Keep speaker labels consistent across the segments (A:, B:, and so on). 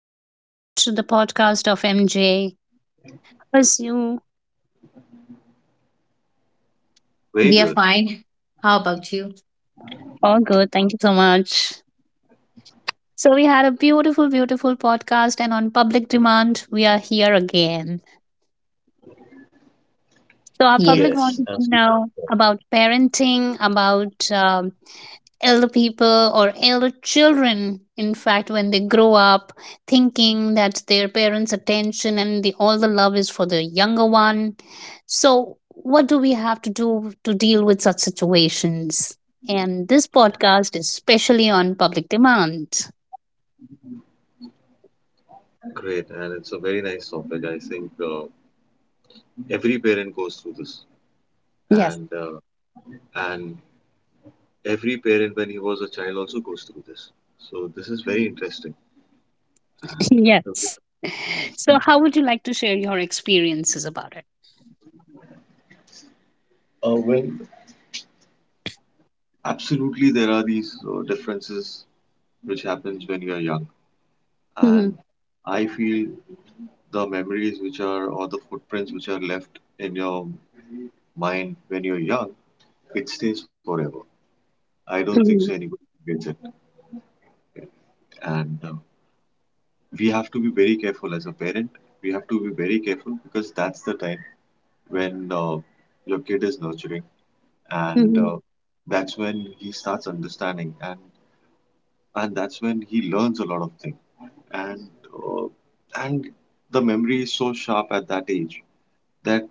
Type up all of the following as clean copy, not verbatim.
A: welcome back to the podcast of MJ. How's you?
B: We are
C: Very good.
B: fine. How about you?
A: All good, thank you so much. So we had a beautiful, beautiful podcast, and on public demand, we are here again. So our public
B: Yes.
C: Yes,
A: wanted to
C: absolutely.
A: know about parenting, about elder people or elder children, in fact, when they grow up thinking that their parents' attention and all the love is for the younger one. So what do we have to do to deal with such situations? And this podcast is specially on public demand.
C: Great. And it's a very nice topic. I think every parent goes through this.
A: Yes.
C: And uh, and every parent when he was a child also goes through this. So this is very interesting. And uh,
A: Yes. So how would you like to share your experiences about it?
C: when Absolutely, there are these differences which happens when you are young.
A: Mhm,
C: And I feel the memories which are, or the footprints which are left in your mind when you're young, it stays forever. I don't think so
A: mhm,
C: anybody gets it. And We have to be very careful as a parent. We have to be very careful because that's the time when your kid is nurturing, and
A: mhm,
C: that's when he starts understanding, and that's when he learns a lot of things, and uh, and the memory is so sharp at that age that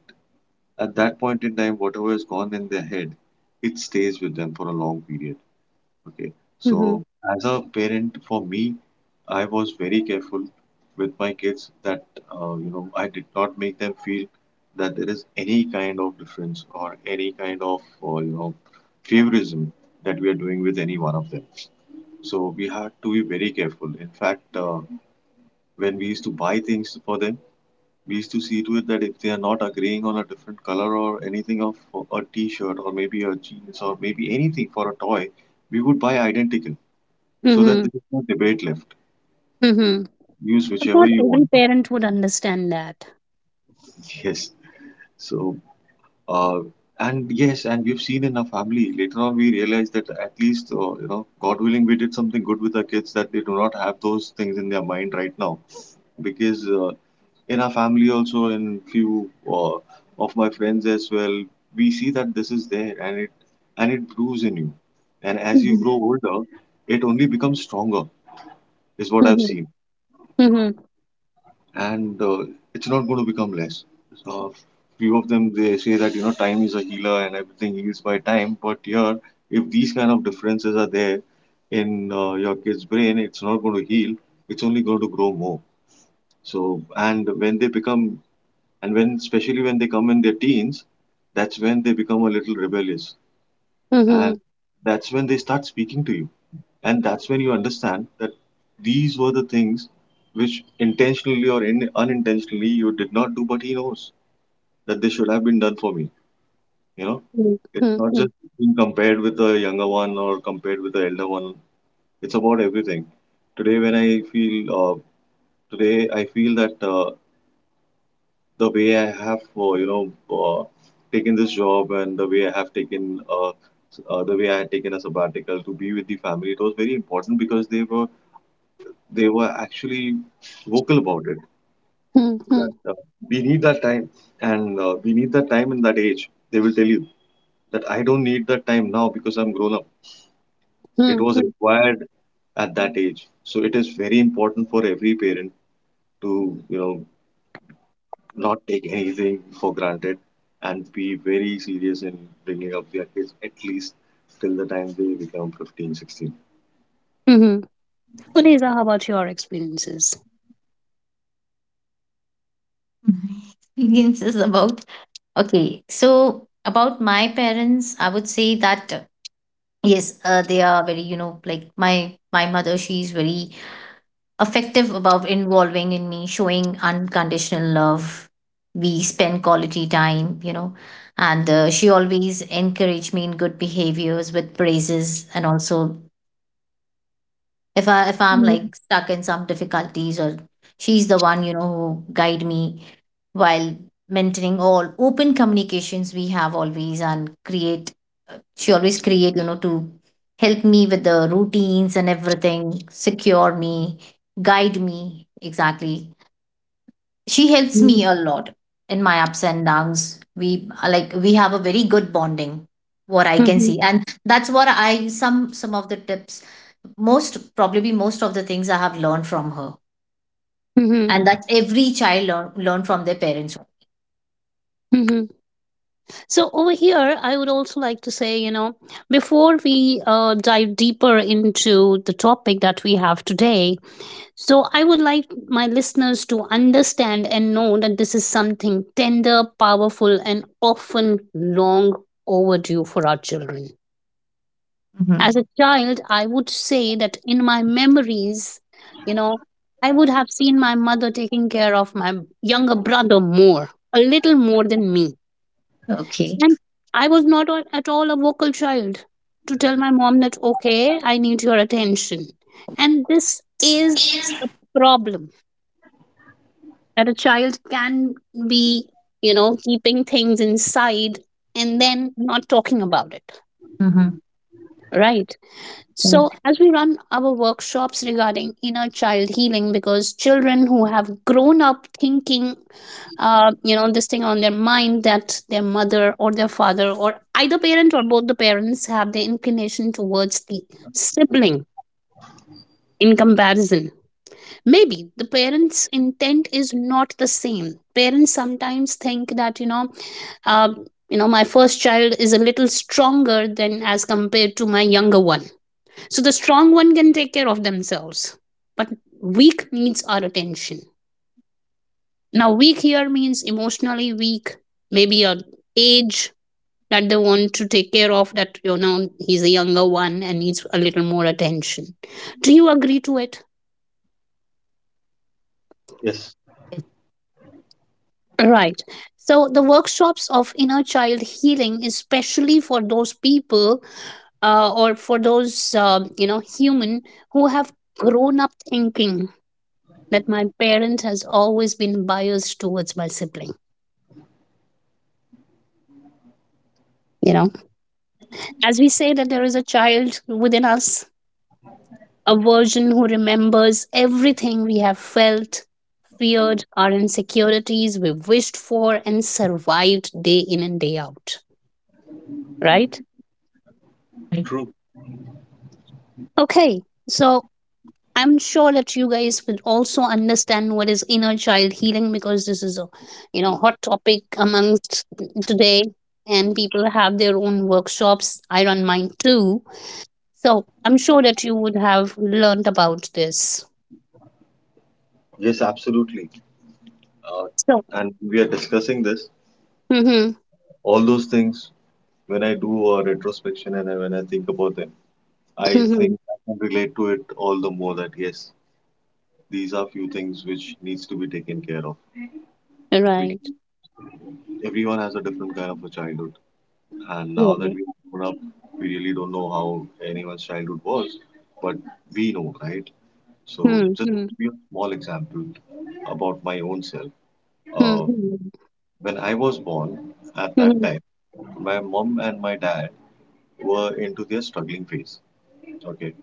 C: at that point in time whatever is gone in their head, it stays with them for a long period. Okay,
A: mhm,
C: so as a parent, for me, I was very careful with my kids that you know, I did not make them feel that there is any kind of difference or any kind of you know, favorism that we are doing with any one of them. So we had to be very careful. In fact, when we used to buy things for them, we used to see to it that if they are not agreeing on a different color or anything of a t-shirt, or maybe a jeans, or maybe anything for a toy, we would buy identical so that
A: mhm,
C: there is no debate left.
A: mhm.
C: Use
A: But
C: whichever
A: not
C: you
A: every
C: want. To.
A: parent would understand that.
C: Yes. So, uh, and Yes, and we've seen in our family later on, we realized that at least, you know, God willing, we did something good with our kids that they do not have those things in their mind right now. Because in our family also, in few of my friends as well, we see that this is there, and it brews in you. And as you
A: Mhm,
C: grow older, it only becomes stronger, is what I've
A: mhm.
C: seen.
A: Mhm.
C: And It's not going to become less. So few of them, they say that you know, time is a healer and everything heals by time, but here, if these kind of differences are there in your kid's brain, it's not going to heal. It's only going to grow more. So and when they become and when especially when they come in their teens, that's when they become a little rebellious, and
A: Mhm.
C: that's when they start speaking to you, and that's when you understand that these were the things which intentionally or unintentionally you did not do, but he knows that they should have been done for me, you know
A: Mhm.
C: it's not just
A: Mhm.
C: being compared with the younger one or compared with the elder one, it's about everything. Today when i feel uh, today I feel that the way I have you know, uh, taken this job and the way I have taken the way I had taken a sabbatical to be with the family, it was very important because they were actually vocal about it,
A: Mhm.
C: that
A: Mhm.
C: we need that time, and we need that time in that age. They will tell you that I don't need that time now because I'm grown up. It was
A: Mhm.
C: required at that age. So it is very important for every parent to, you know, not take anything for granted and be very serious in bringing up their kids at least till the time they become 15, 16.
A: Mhm. Uneza, how about your experiences?
B: My is about okay. So about my parents, I would say that yes, they are very, you know, like my mother. She's very effective about involving in me, showing unconditional love. We spend quality time, you know, and she always encouraged me in good behaviors with praises, and also if I if I'm
A: Mhm.
B: like stuck in some difficulties, or she's the one, you know, who guide me while maintaining all open communications we have always and create, she always create, you know, to help me with the routines and everything, secure me, guide me exactly, she helps
A: Mhm.
B: me a lot in my ups and downs. We are like we have a very good bonding, what I can
A: Mhm.
B: see, and that's what I some of the tips, most probably most of the things I have learned from her,
A: Mhm.
B: and that every child learn from their parents.
A: Mhm. So over here, I would also like to say, you know, before we dive deeper into the topic that we have today, so I would like my listeners to understand and know that this is something tender, powerful, and often long overdue for our children. As
B: Mhm.
A: a child, I would say that in my memories, you know, I would have seen my mother taking care of my younger brother more, a little more than me.
B: Okay.
A: And I was not a- at all a vocal child to tell my mom that, okay, I need your attention, and this is a problem that a child can be, you know, keeping things inside and then not talking about it,
B: Mhm.
A: right? So,
B: That's
A: as we run our workshops regarding inner child healing, because children who have grown up thinking, you know, this thing on their mind that their mother or their father or either parent or both the parents have the inclination towards the sibling in comparison. Maybe the parents' intent is not the same. Parents sometimes think that, uh, you know, my first child is a little stronger than as compared to my younger one, so the strong one can take care of themselves, but weak needs our attention. Now, weak here means emotionally weak, maybe a age that they want to take care of, that, you know, he's a younger one and needs a little more attention. Do you agree to it?
C: Yes,
A: Right. So the workshops of inner child healing, especially for those people, or for those, you know, human who have grown up thinking that my parent has always been biased towards my sibling, you know, as we say that there is a child within us, a version who remembers everything we have felt, feared, our insecurities, we wished for and survived day in and day out, right?
B: right.
C: true.
A: Okay. So I'm sure that you guys will also understand what is inner child healing, because this is a, you know, hot topic amongst today, and people have their own workshops, I run mine too. So I'm sure that you would have learned about this.
C: Yes, absolutely. uh,
A: So,
C: and we are discussing this,
A: hmm,
C: all those things. When I do a retrospection and when I think about them, I
A: hmm,
C: think I can relate to it all the more, that yes, these are few things which needs to be taken care of, because
A: right,
C: everyone has a different kind of a childhood. And now that
A: right.
C: we've grown up, we really don't know how anyone's childhood was, but we know, right? So, just to
A: Mm-hmm.
C: give you a small example about my own self. Uh,
A: Mm-hmm.
C: when I was born, at that
A: Mm-hmm.
C: time, my mom and my dad were into their struggling phase. Okay.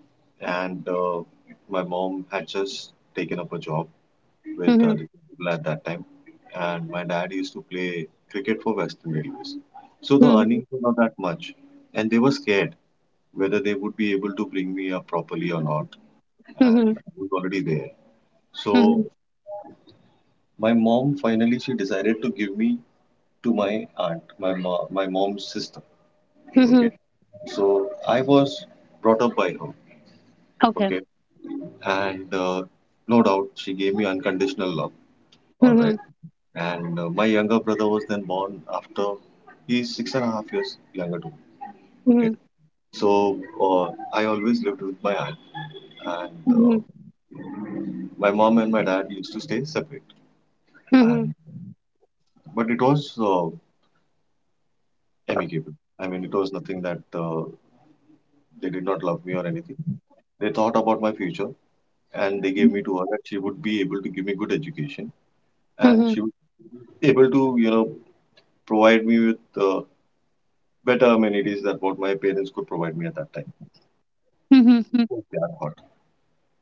C: And My mom had just taken up a job with
A: Mm-hmm.
C: the people at that time. And my dad used to play cricket for Western Railways. So the
A: Mm-hmm.
C: earnings were not that much. And they were scared whether they would be able to bring me up properly or not. And I was already there.
A: Mm-hmm.
C: So my mom finally she decided to give me to my aunt, my mom's sister.
A: Mm-hmm.
C: Okay. So I was brought up by her.
A: Okay.
C: Okay. And No doubt, she gave me unconditional love. All right.
A: Mm-hmm.
C: And My younger brother was then born after. He's six and a half years younger to me. Okay.
A: Mm-hmm.
C: So uh, I always lived with my aunt, and
A: Mm-hmm.
C: my mom and my dad used to stay separate.
A: Mm-hmm.
C: And but it was amicable. I mean, it was nothing that they did not love me or anything. They thought about my future, and they gave
A: Mm-hmm.
C: me to her, that she would be able to give me good education, and
A: Mm-hmm.
C: she would be able to, you know, provide me with better amenities than what my parents could provide me at that time.
A: Mm-hmm.
C: They are hot.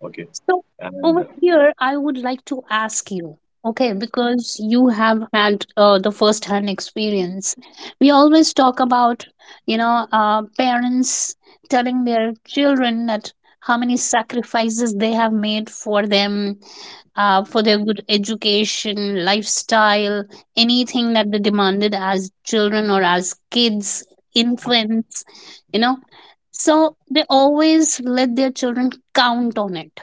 C: Okay.
A: So, over
C: And
A: here, I would like to ask you, okay, because you have had the first hand experience. We always talk about, you know, parents telling their children that how many sacrifices they have made for them, for their good education, lifestyle, anything that they demanded as children or as kids, infants, you know. So they always let their children count on it.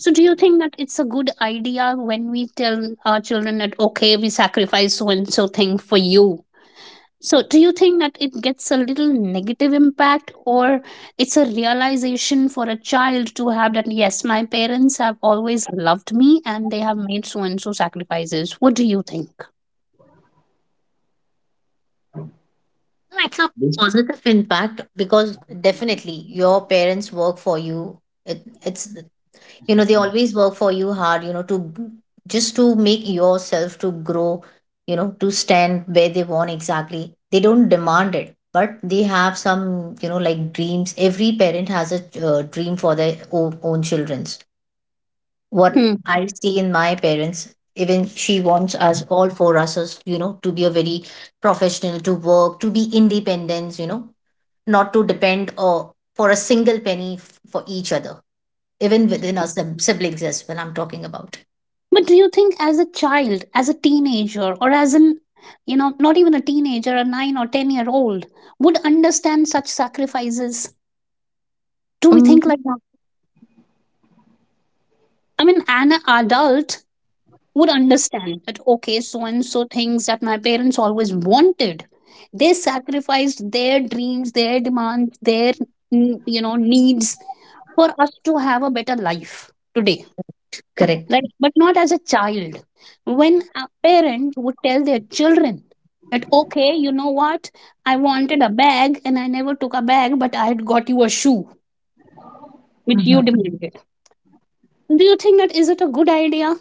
A: So, do you think that it's a good idea when we tell our children that, okay, we sacrifice so and so thing for you? So, do you think that it gets a little negative impact, or it's a realization for a child to have that, yes, my parents have always loved me and they have made so and so sacrifices? What do you think?
B: No, it's a
C: this,
B: positive impact because definitely your parents work for you. It's you know, they always work for you hard. You know, to just to make yourself to grow. You know, to stand where they want exactly. They don't demand it, but they have some, you know, like dreams. Every parent has a dream for their own children's. What
A: Hmm.
B: I see in my parents, even she wants us all four us, you know, to be a very professional, to work, to be independent, you know, not to depend or for a single penny for each other, even within our siblings as well. I'm talking about.
A: But do you think as a child, as a teenager, or as an, you know, not even a teenager, a nine or ten year old would understand such sacrifices? Do we
B: Mm.
A: think like that? I mean, an adult would understand that, okay, so and so things that my parents always wanted, they sacrificed their dreams, their demands, their you know, needs for us to have a better life today,
B: Correct.
A: right? But not as a child. When a parent would tell their children that, okay, you know what, I wanted a bag and I never took a bag but I had got you a shoe which you
B: Mhm.
A: demanded, do you think that is it a good idea?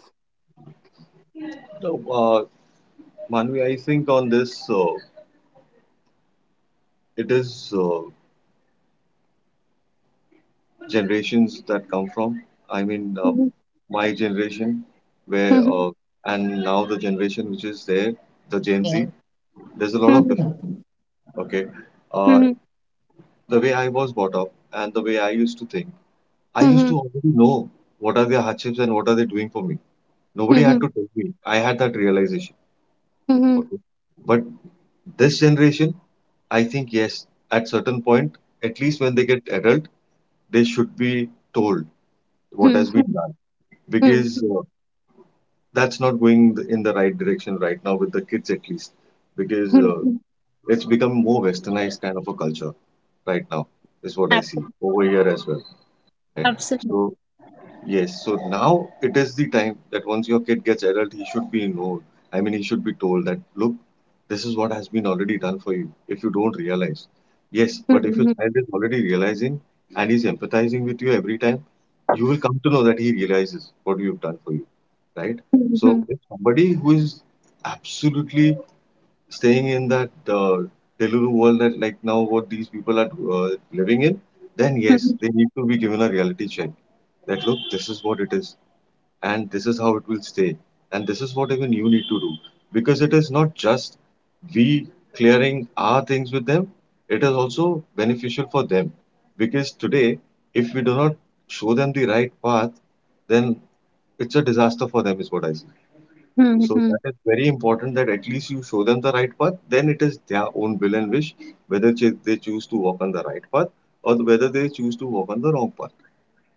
C: uh, Manvi, I think on this, it is generations that come from. I mean,
A: Mhm,
C: my generation, where
A: mhm,
C: and now the generation which is there, the Gen
B: Yeah.
C: Z. There's a lot of
A: mhm,
C: difference. Okay. Uh,
A: mhm,
C: the way I was brought up and the way I used to think, I used
A: mhm,
C: to already know what are their hardships and what are they doing for me. Nobody had
A: mhm.
C: to tell me. I had that realization.
A: Mhm.
C: Okay. But this generation, I think, yes, at certain point, at least when they get adult, they should be told what has
A: Mhm.
C: been done,
A: Mhm.
C: because
A: Mhm.
C: that's not going in the right direction right now with the kids, at least, because
A: Mhm.
C: it's become more westernized kind of a culture right now, is what I see
A: Abso-
C: over here as well. Right?
A: Absolutely.
C: So, yes, so now it is the time that once your kid gets adult, he should be known. I mean, he should be told that, look, this is what has been already done for you, if you don't realize. Yes, but if your
A: Mhm.
C: child is already realizing and he's empathizing with you every time, you will come to know that he realizes what you've done for you, right? So
A: Mhm.
C: if somebody who is absolutely staying in that Telugu world that like now what these people are uh, living in, then yes,
A: Mhm.
C: they need to be given a reality check, that look, this is what it is, and this is how it will stay, and this is what even you need to do, because it is not just we clearing our things with them, it is also beneficial for them, because today, if we do not show them the right path, then it's a disaster for them, is what I see. So
A: Mhm.
C: that is very important, that at least you show them the right path. Then it is their own will and wish whether they choose to walk on the right path or whether they choose to walk on the wrong path.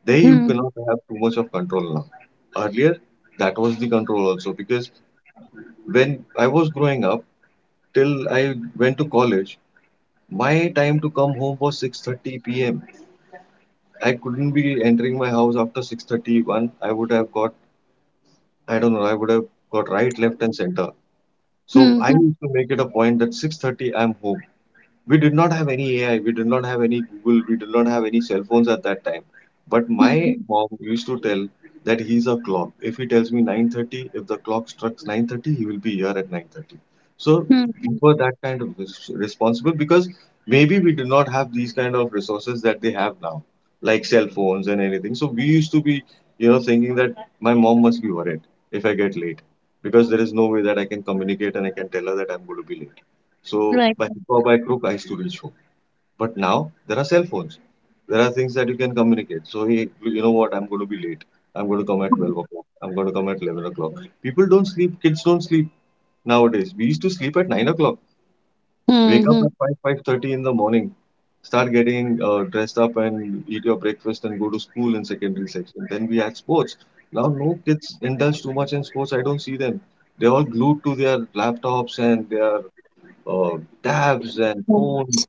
C: There you
A: Mhm.
C: cannot have too much of control now. Earlier, that was the control also, because when I was growing up till I went to college, my time to come home was 6:30 p.m. I couldn't be entering my house after 6:31. I would have got, I don't know, I would have got right, left, and center. So I
A: Mhm.
C: need to make it a point that 6:30 I'm home. We did not have any AI, we did not have any Google, we did not have any cell phones at that time. But my
A: Mhm.
C: mom used to tell that he's a clock. If he tells me 9:30, if the clock strikes 9:30, he will be here at 9:30. So we
A: Mhm.
C: were that kind of responsible, because maybe we did not have these kind of resources that they have now, like cell phones and anything. So we used to be, you know, thinking that my mom must be worried if I get late, because there is no way that I can communicate and I can tell her that I'm going to be late. So
A: Right.
C: by hook or by crook, I used to reach home. But now there are cell phones. There are things that you can communicate. So, hey, you know what? I'm going to be late. I'm going to come at 12
A: Mm-hmm.
C: o'clock. I'm going to come at 11 o'clock. People don't sleep. Kids don't sleep nowadays. We used to sleep at 9 o'clock. Wake up
A: Mm-hmm.
C: at 5, 5:30 in the morning. Start getting dressed up and eat your breakfast and go to school in secondary section. Then we had sports. Now no kids indulge too much in sports. I don't see them. They're all glued to their laptops and their uh, tabs and
A: Mm-hmm.
C: phones,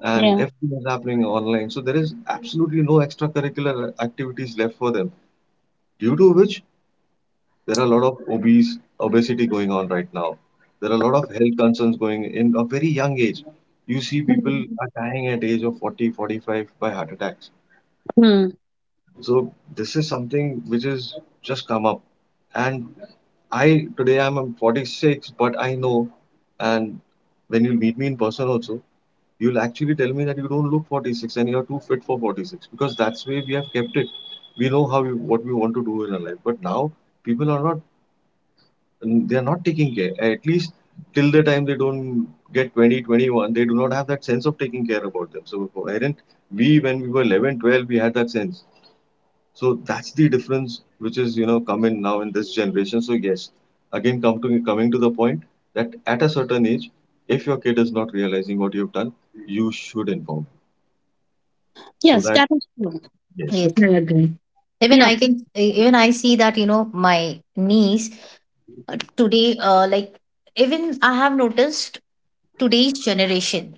C: and
A: Mm-hmm.
C: everything is happening online. So there is absolutely no extracurricular activities left for them. Due to which there are a lot of obese obesity going on right now. There are a lot of health concerns going in a very young age. You
A: Mm-hmm. Mm-hmm. Mm-hmm.
C: see
A: Mm-hmm. Mm-hmm. Mm-hmm.
C: people
A: Mm-hmm. Yeah.
C: are dying at age of 40, 45 by heart attacks.
A: Mm-hmm.
C: So this is something which has just come up. And I today I'm 46, but I know, and when you meet me in person also, you'll actually tell me that you don't look 46 and you're too fit for 46 because that's where we have kept it. We know what we want to do in our life. But now people are not, they are not taking care. At least till the time they don't get 2021, they do not have that sense of taking care about them. So for Aaron, we when we were 11, 12, we had that sense. So that's the difference which is come in now in this generation. So yes, again come to coming to the point that at a certain age, if your kid is not realizing what you've done, you should inform. So
A: Yes,
C: that,
A: that is true.
C: yes.
B: Yes, I agree. Even
A: Yeah.
B: I can, even I see that, you know, my niece, today, like, even I have noticed today's generation.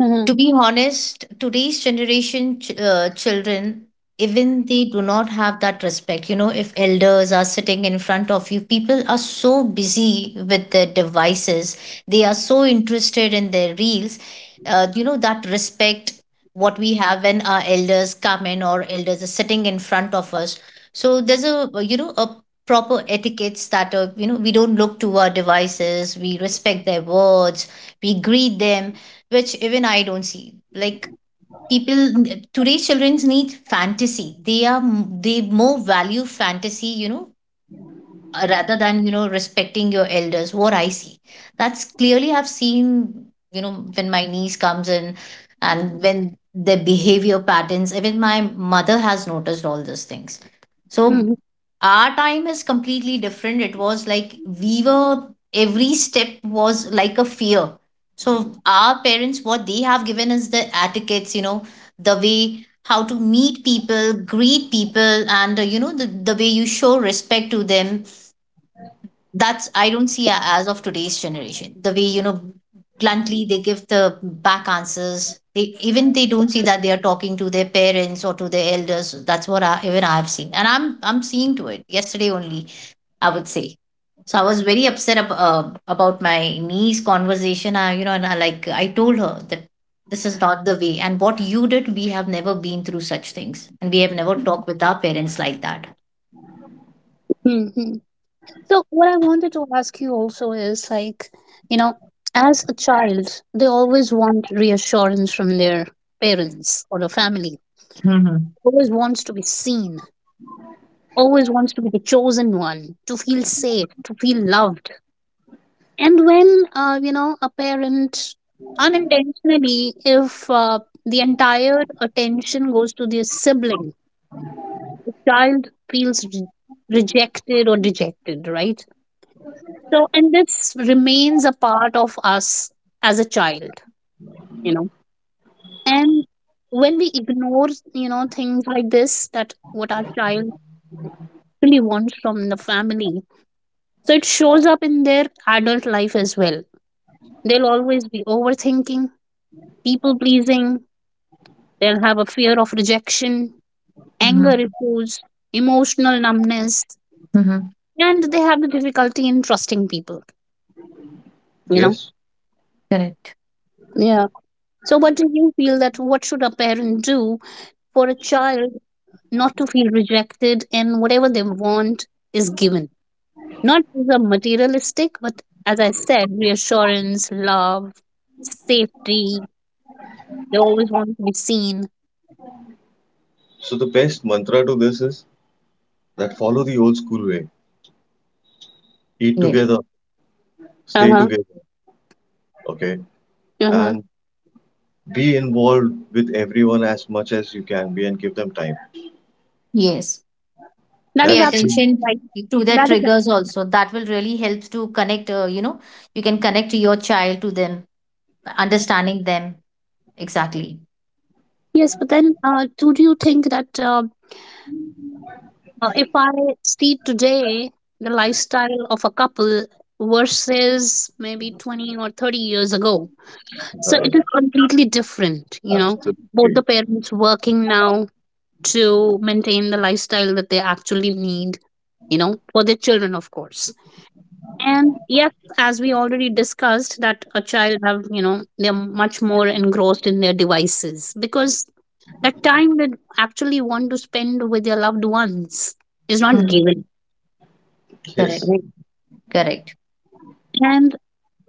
A: Mm-hmm.
B: To be honest, today's generation, children, even they do not have that respect. You know, if elders are sitting in front of you, people are so busy with their devices, they are so interested in their reels, you know, that respect what we have when our elders come in or elders are sitting in front of us. So there's, a you know, a proper etiquettes that, you know, we don't look to our devices, we respect their words, we greet them, which even I don't see. Like, people, today's children need fantasy. They more value fantasy, you know, rather than, you know, respecting your elders, what I see, that's clearly I've seen, you know, when my niece comes in and when their behavior patterns, even my mother has noticed all these things. So
A: Mm-hmm.
B: our time is completely different. It was like we were every step was like a fear. So our parents, what they have given us, the etiquettes, you know, the way how to meet people, greet people, and you know, the way you show respect to them, that's I don't see as of today's generation. The way, you know, bluntly they give the back answers. They even they don't see that they are talking to their parents or to their elders. That's what I, even I have seen, and I'm seeing to it. Yesterday only, I would say. So I was very upset about my niece conversation. I, you know, and I like I told her that this is not the way, and what you did, we have never been through such things, and we have never talked with our parents like that.
A: Yeah. So, what I wanted to ask you also is like, you know, as a child, they always want reassurance from their parents or the family,
B: Mm-hmm.
A: always wants to be seen, always wants to be the chosen one, to feel safe, to feel loved. And when, you know, a parent unintentionally, if the entire attention goes to their sibling, the child feels rejected or dejected, right? So, and this remains a part of us as a child, you know. And when we ignore, you know, things like this, that what our child really wants from the family, so it shows up in their adult life as well. They'll always be overthinking, people pleasing, they'll have a fear of rejection, anger
B: Mm-hmm.
A: issues, emotional numbness,
B: Mm-hmm.
A: and they have the difficulty in trusting people, you know?
C: Yes.
B: Correct.
A: Yeah. So, what do you feel that what should a parent do for a child not to feel rejected and whatever they want is given? Not as a materialistic, but as I said, reassurance, love, safety. They always want to be seen.
C: So the best mantra to this is that follow the old school way. Eat
B: Yes.
C: together,
A: Uh
C: stay
A: huh.
C: together, okay?
A: Uh huh.
C: And be involved with everyone as much as you can be and give them time.
B: Yes.
A: That is
B: Pay
C: That's the.
A: absolutely
B: attention
A: right.
B: to their
A: That is
B: triggers also. That will really help to connect, you know, you can connect your child to them, understanding them. Exactly.
A: yes. But then, do you think that if I see today the lifestyle of a couple versus maybe 20 or 30 years ago, so it is
C: Right.
A: completely different. You know, both
C: Absolutely.
A: the parents working now to maintain the lifestyle that they actually need. You know, for their children, of course. And yes, as we already discussed, that a child have, you know, they're much more engrossed in their devices because the time they actually want to spend with their loved ones is not
B: Mhm.
A: given.
B: Correct.
C: Yes,
A: Right.
B: Correct.
A: And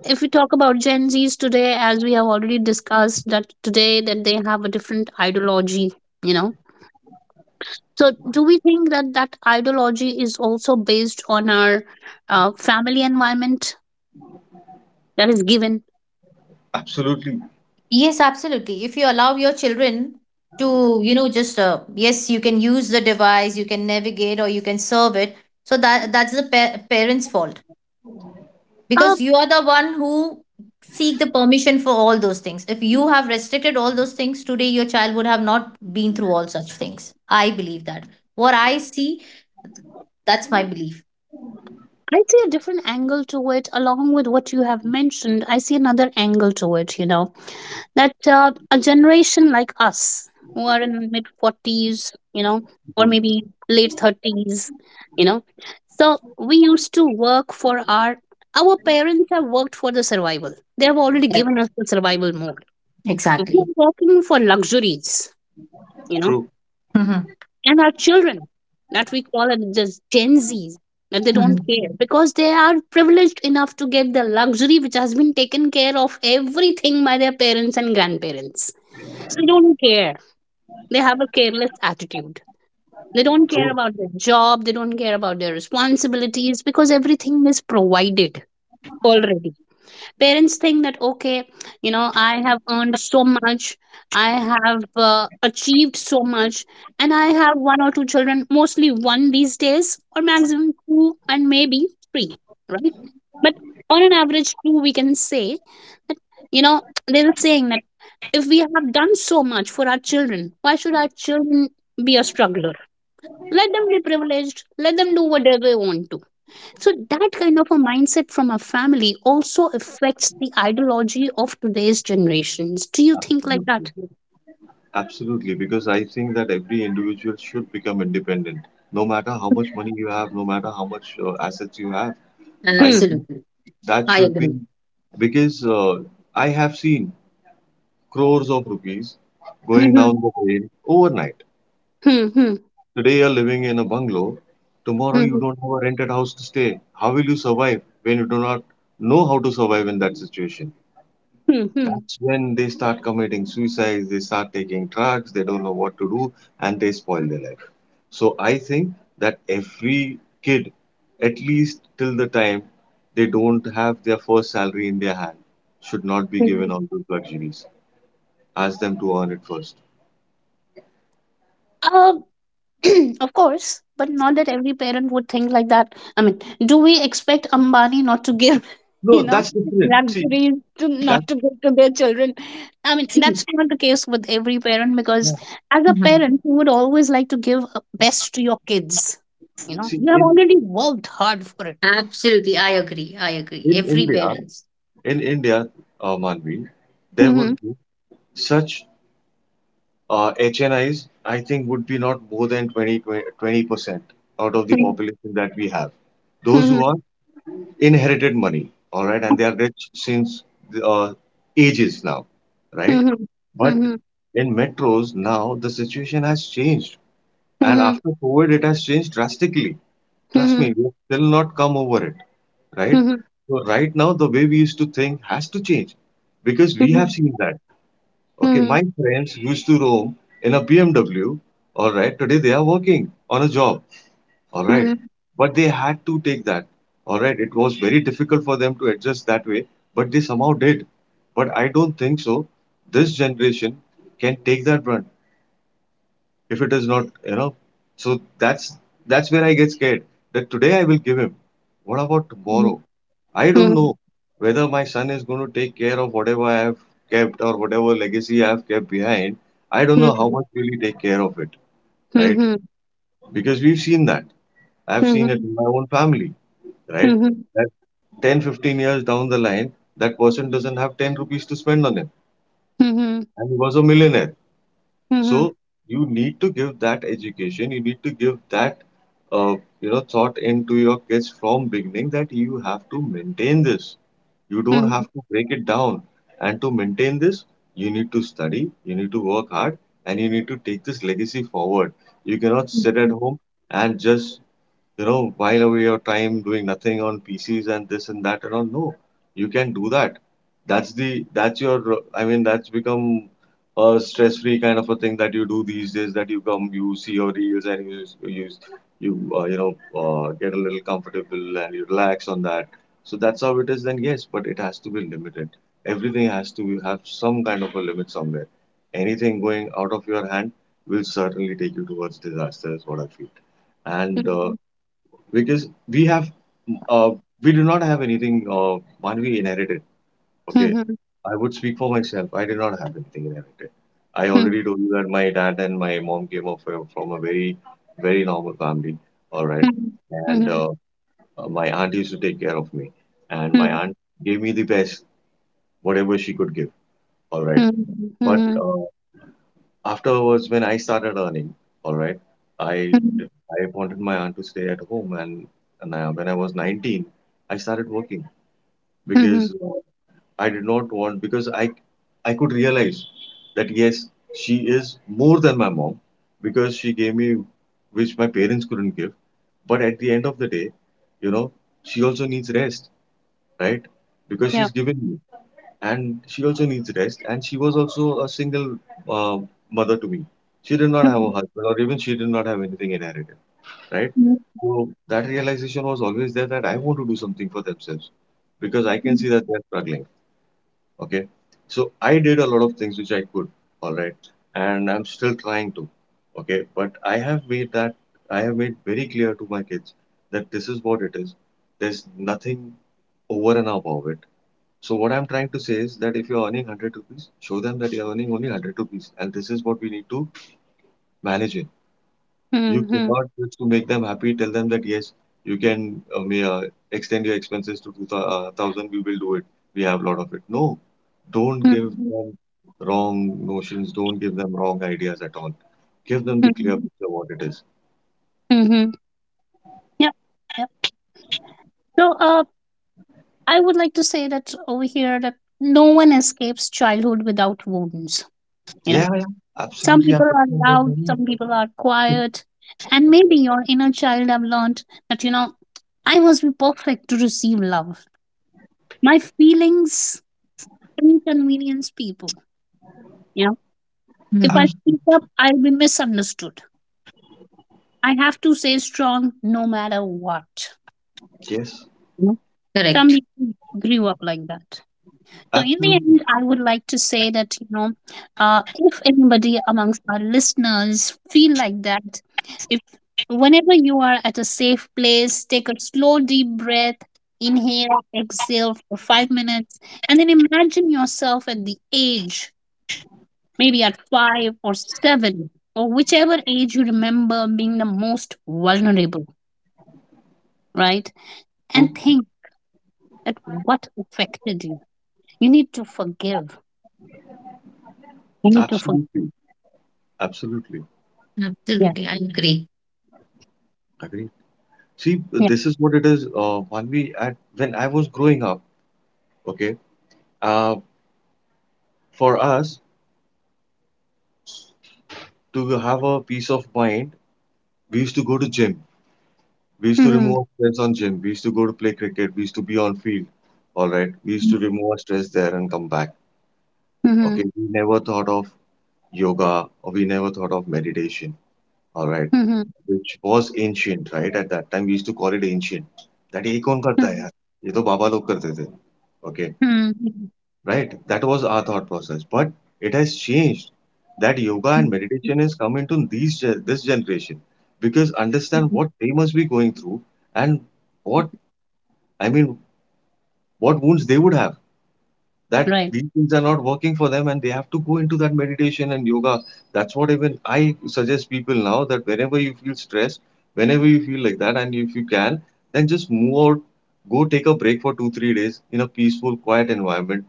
A: if we talk about Gen Zs today, as we have already discussed, that today that they have a different ideology, you know. So, do we think that that ideology is also based on our family environment that is given?
C: absolutely.
B: Yes, absolutely. If you allow your children to, you know, just, yes, you can use the device, you can navigate or you can serve it. So that that's the parents' fault,
A: Uh,
B: because you are the one who seek the permission for all those things. If you have restricted all those things, today your child would have not been through all such things. I believe that, what I see, that's my belief.
A: I see a different angle to it along with what you have mentioned. I see another angle to it, you know, that a generation like us who are in mid 40s, you know, or
C: Mhm.
A: maybe late 30s, you know. So we used to work for our parents have worked for the survival. They have already
B: Yeah,
A: given us the survival mode. We are
B: exactly.
A: working for luxuries, you know,
C: True.
B: Mhm,
A: and our children that we call it just Gen Zs, that they don't
B: mhm.
A: care because they are privileged enough to get the luxury which has been taken care of everything by their parents and grandparents. So they don't care. They have a careless attitude. They don't care
C: True.
A: about their job. They don't care about their responsibilities because everything is provided already. Parents think that, okay, you know, I have earned so much, I have achieved so much, and I have one or two children, mostly one these days, or maximum two, and maybe three, right? But on an average two, we can say that, you know, there's a saying that if we have done so much for our children, why should our children be a struggler? Let them be privileged, let them do whatever they want to. So that kind of a mindset from a family also affects the ideology of today's generations. Do you think like
C: Absolutely.
A: that?
C: Absolutely, because I think that every individual should become independent, no matter how much money you have, no matter how much assets you have. I
A: Hmm.
C: think
B: Absolutely,
C: that
B: I
C: should be,
B: agree.
C: because I have seen crores of rupees going
A: Hmm.
C: down the drain overnight.
A: Hmm. Hmm.
C: Today you're living in a bungalow, tomorrow you
A: Hmm.
C: don't have a rented house to stay. How will you survive when you do not know how to survive in that situation?
A: Hmm. Hmm.
C: That's when they start committing suicides, they start taking drugs, they don't know what to do, and they spoil their life. So I think that every kid, at least till the time they don't have their first salary in their hand, should not be given
A: Hmm.
C: all those luxuries. Ask them to earn it first.
A: Uh, of course, but not that every parent would think like that. I mean, do we expect Ambani not to give, you
C: No,
A: know,
C: that's different. See,
A: luxuries, to
C: that
A: not to give to their children? I mean, that's
B: See.
A: not the case with every parent, because as a
B: Mhm.
A: parent you would always like to give best to your kids, you know,
C: see
A: you have
C: in
A: already worked hard for it.
B: Absolutely, I agree. I agree.
C: in
B: Every
C: India,
B: parents.
C: in India, Manvi, there would
A: Mhm.
C: be such HNIs, I think, would be not more than 20, 20% out of the population that we have. Those who
A: Mhm.
C: are inherited money, all right, and they are rich since the, uh, ages now, right?
A: Mhm.
C: But
A: Mhm.
C: in metros now, the situation has changed, and
A: Mhm.
C: after COVID, it has changed drastically. Trust me, we've still not come over it, right?
A: Mhm.
C: So right now, the way we used to think has to change because we have
A: Mhm.
C: seen that. Okay,
A: Mhm.
C: my friends used to roam in a BMW. All right, today they are working on a job. All right,
A: Mhm.
C: but they had to take that. All right, it was very difficult for them to adjust that way, but they somehow did. But I don't think so. This generation can take that brunt if it is not, so that's that's where I get scared. That today I will give him, what about tomorrow? I don't know
A: Mhm.
C: whether my son is going to take care of whatever I have kept, or whatever legacy I have kept behind. I don't know how
A: Mhm.
C: much will he take care of it, right?
A: Mhm.
C: Because we've seen that. I've seen it
A: Mhm.
C: in my own family, right?
A: Mhm.
C: That 10 15 years down the line, that person doesn't have 10 rupees to spend on him,
A: Mhm.
C: and he was a millionaire.
A: Mhm.
C: So you need to give that education, you need to give that you know thought into your kids from beginning, that you have to maintain this. You don't
A: Mhm.
C: have to break it down. And to maintain this, you need to study, you need to work hard, and you need to take this legacy forward. You cannot sit at home and just while away your time doing nothing on PCs and this and that and all. No, you can do that. That's the that's your I mean that's become a stress-free kind of a thing that you do these days. That you come, you see your reels and you you know get a little comfortable and you relax on that. So that's how it is. Then yes, but it has to be limited. Everything has to have some kind of a limit somewhere. Anything going out of your hand will certainly take you towards disaster. Is what I feel.
A: Mhm.
C: And
A: Mhm.
C: because uh, we do not have anything one we inherited.
A: Mhm.
C: Okay,
A: Mhm.
C: I would speak for myself. I did not have anything inherited. I
A: Mhm. Mhm.
C: already told you that my dad and my mom came up from a very, very normal family. All right. And
A: Mhm.
C: my aunt used to take care of me, and my
A: Mhm.
C: aunt gave me the best whatever she could give. All right.
A: Mhm,
C: But
A: mhm,
C: afterwards, when I started earning, all right, I
A: mhm,
C: did- I wanted my aunt to stay at home, and I, when I was 19, I started working
A: mhm.
C: because I did not want because I could realize that yes, she is more than my mom because she gave me which my parents couldn't give. But at the end of the day, you know, she also needs rest, right? Because she's
A: Yep.
C: given me, and she also needs rest, and she was also a single uh, mother to me. She did not have a
A: Mhm,
C: husband, or even she did not have anything inherited, right?
A: mhm,
C: So that realization was always there, that I want to do something for themselves because I can see that they're struggling. Okay, so I did a lot of things which I could, all right, and I'm still trying to. Okay, but I have made very clear to my kids that this is what it is. There's nothing over and above it. So what I'm trying to say is that if you're earning 100 rupees, show them that you're earning only 100 rupees, and this is what we need to manage it. You
A: mhm, mhm,
C: cannot, just to make them happy, tell them that yes, you can extend your expenses to 2000, we will do it. We have a lot of it. No, don't give
A: mhm,
C: them wrong notions, don't give them wrong ideas at all. Give them the clear
A: mhm,
C: picture of what it is.
A: mhm. Yep, yep. So, I would like to say that over here that no one escapes childhood without wounds. You know,
C: Yeah, yeah,
A: some
C: absolutely. I'm
A: people are
C: talking about
A: loud,
C: money.
A: some people are quiet, and maybe your inner child have learned that, you know, I must be perfect to receive love. My feelings inconvenience people. You know, if I
C: Abs-
B: Mhm.
A: speak up, I'll be misunderstood. I have to say strong no matter what.
C: yes,
A: You know. Some
B: Correct.
A: people grew up like that. So in the
C: absolutely.
A: end, I would like to say that, you know, if anybody amongst our listeners feel like that, if whenever you are at a safe place, take a slow deep breath, inhale, exhale for 5 minutes, and then imagine yourself at the age, maybe at five or seven, or whichever age you remember being the most vulnerable, right? And
C: True.
A: think that what affected you. You need to forgive. You need to forgive.
C: Absolutely. Absolutely.
A: Yeah.
B: Absolutely, I agree.
C: Agreed. See,
A: Yeah.
C: this is what it is. Manvi, at when I was growing up, okay, uh, for us to have a peace of mind, we used to go to gym. We used to remove
A: Hmm,
C: our stress on gym. We used to go to play cricket. We used to be on field. All right. We used to remove our stress there and come back.
A: hmm,
C: Okay. We never thought of yoga, or we never thought of meditation. All right.
A: hmm,
C: Which was ancient, right? At that time, we used to call it ancient. That ये कौन करता
A: hmm.
C: है यार? ये तो बाबा लोग करते थे. Okay, right? That was our thought process, but it has changed. That yoga and meditation has come into this generation because understand what they must be going through, and what I mean, what wounds they would have. That
A: Right.
C: these things are not working for them, and they have to go into that meditation and yoga. That's what even I suggest people now, that whenever you feel stressed, whenever you feel like that, and if you can, then just move out, go take a break for 2-3 days in a peaceful, quiet environment.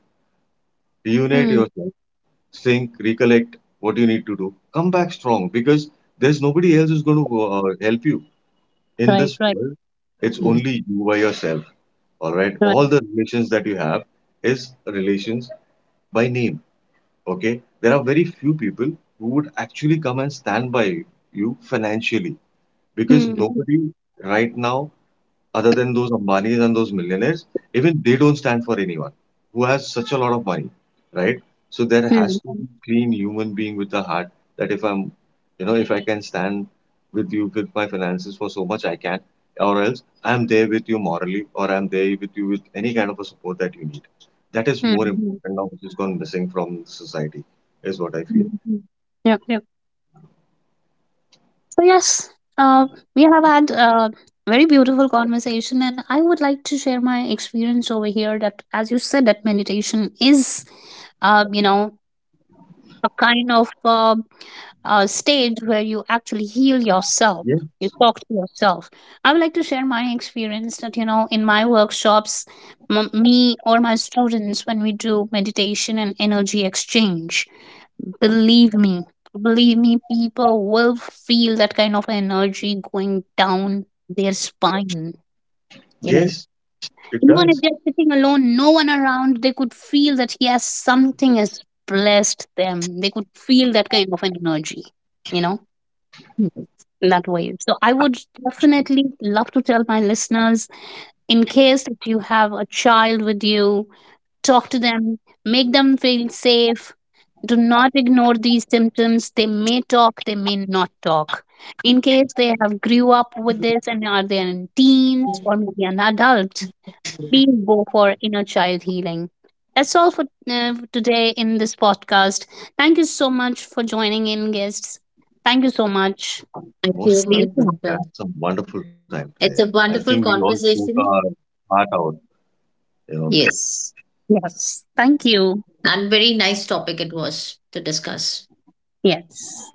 C: Reunite
A: Mm.
C: yourself, think, recollect what you need to do. Come back strong because there's nobody else who's going to help you in
A: Right.
C: this
A: Right.
C: world. It's
B: Yes.
C: only you by yourself. All right. All
A: Right.
C: the relations that you have is relations by name. Okay. There are very few people who would actually come and stand by you financially because
A: Mm.
C: nobody right now other than those Ambanis and those millionaires, even they don't stand for anyone who has such a lot of money, right? So there has to
A: Mm.
C: be clean human being with a heart, that if I'm, you know, if I can stand with you with my finances for so much, I can, or else I'm there with you morally, or I'm there with you with any kind of a support that you need. That is more
A: Mm.
C: important now, which is gone missing from society, is what I feel.
A: Mm. Yep. Yep. So yes, uh, we have had a very beautiful conversation, and I would like to share my experience over here. That, as you said, that meditation is, you know, a kind of stage where you actually heal yourself,
C: Yeah.
A: you talk to yourself. I would like to share my experience that, you know, in my workshops, me or my students, when we do meditation and energy exchange, believe me, believe me, people will feel that kind of energy going down their spine, you know,
C: Yes, it
A: even if
C: does.
A: they're sitting alone, no one around, they could feel that yes, something has blessed them, they could feel that kind of an energy, you know, in that way. So I would definitely love to tell my listeners, in case that you have a child with you, talk to them, make them feel safe. Do not ignore these symptoms. They may talk, they may not talk. In case they have grew up with
B: Mhm.
A: this and are they in teens or maybe an adult, please go for inner child healing. That's all for today in this podcast. Thank you so much for joining in, guests. Thank you so much.
B: I feel
A: See
B: my
A: you
C: Most
A: soon.
C: certainly.
B: pleasure.
C: We had some wonderful time
B: It's
C: today.
B: a
C: I
B: wonderful
C: think we all spoke
B: conversation.
C: our heart out, you know.
B: Yes.
A: Yes. Thank you.
B: And very nice topic it was to discuss.
A: Yes.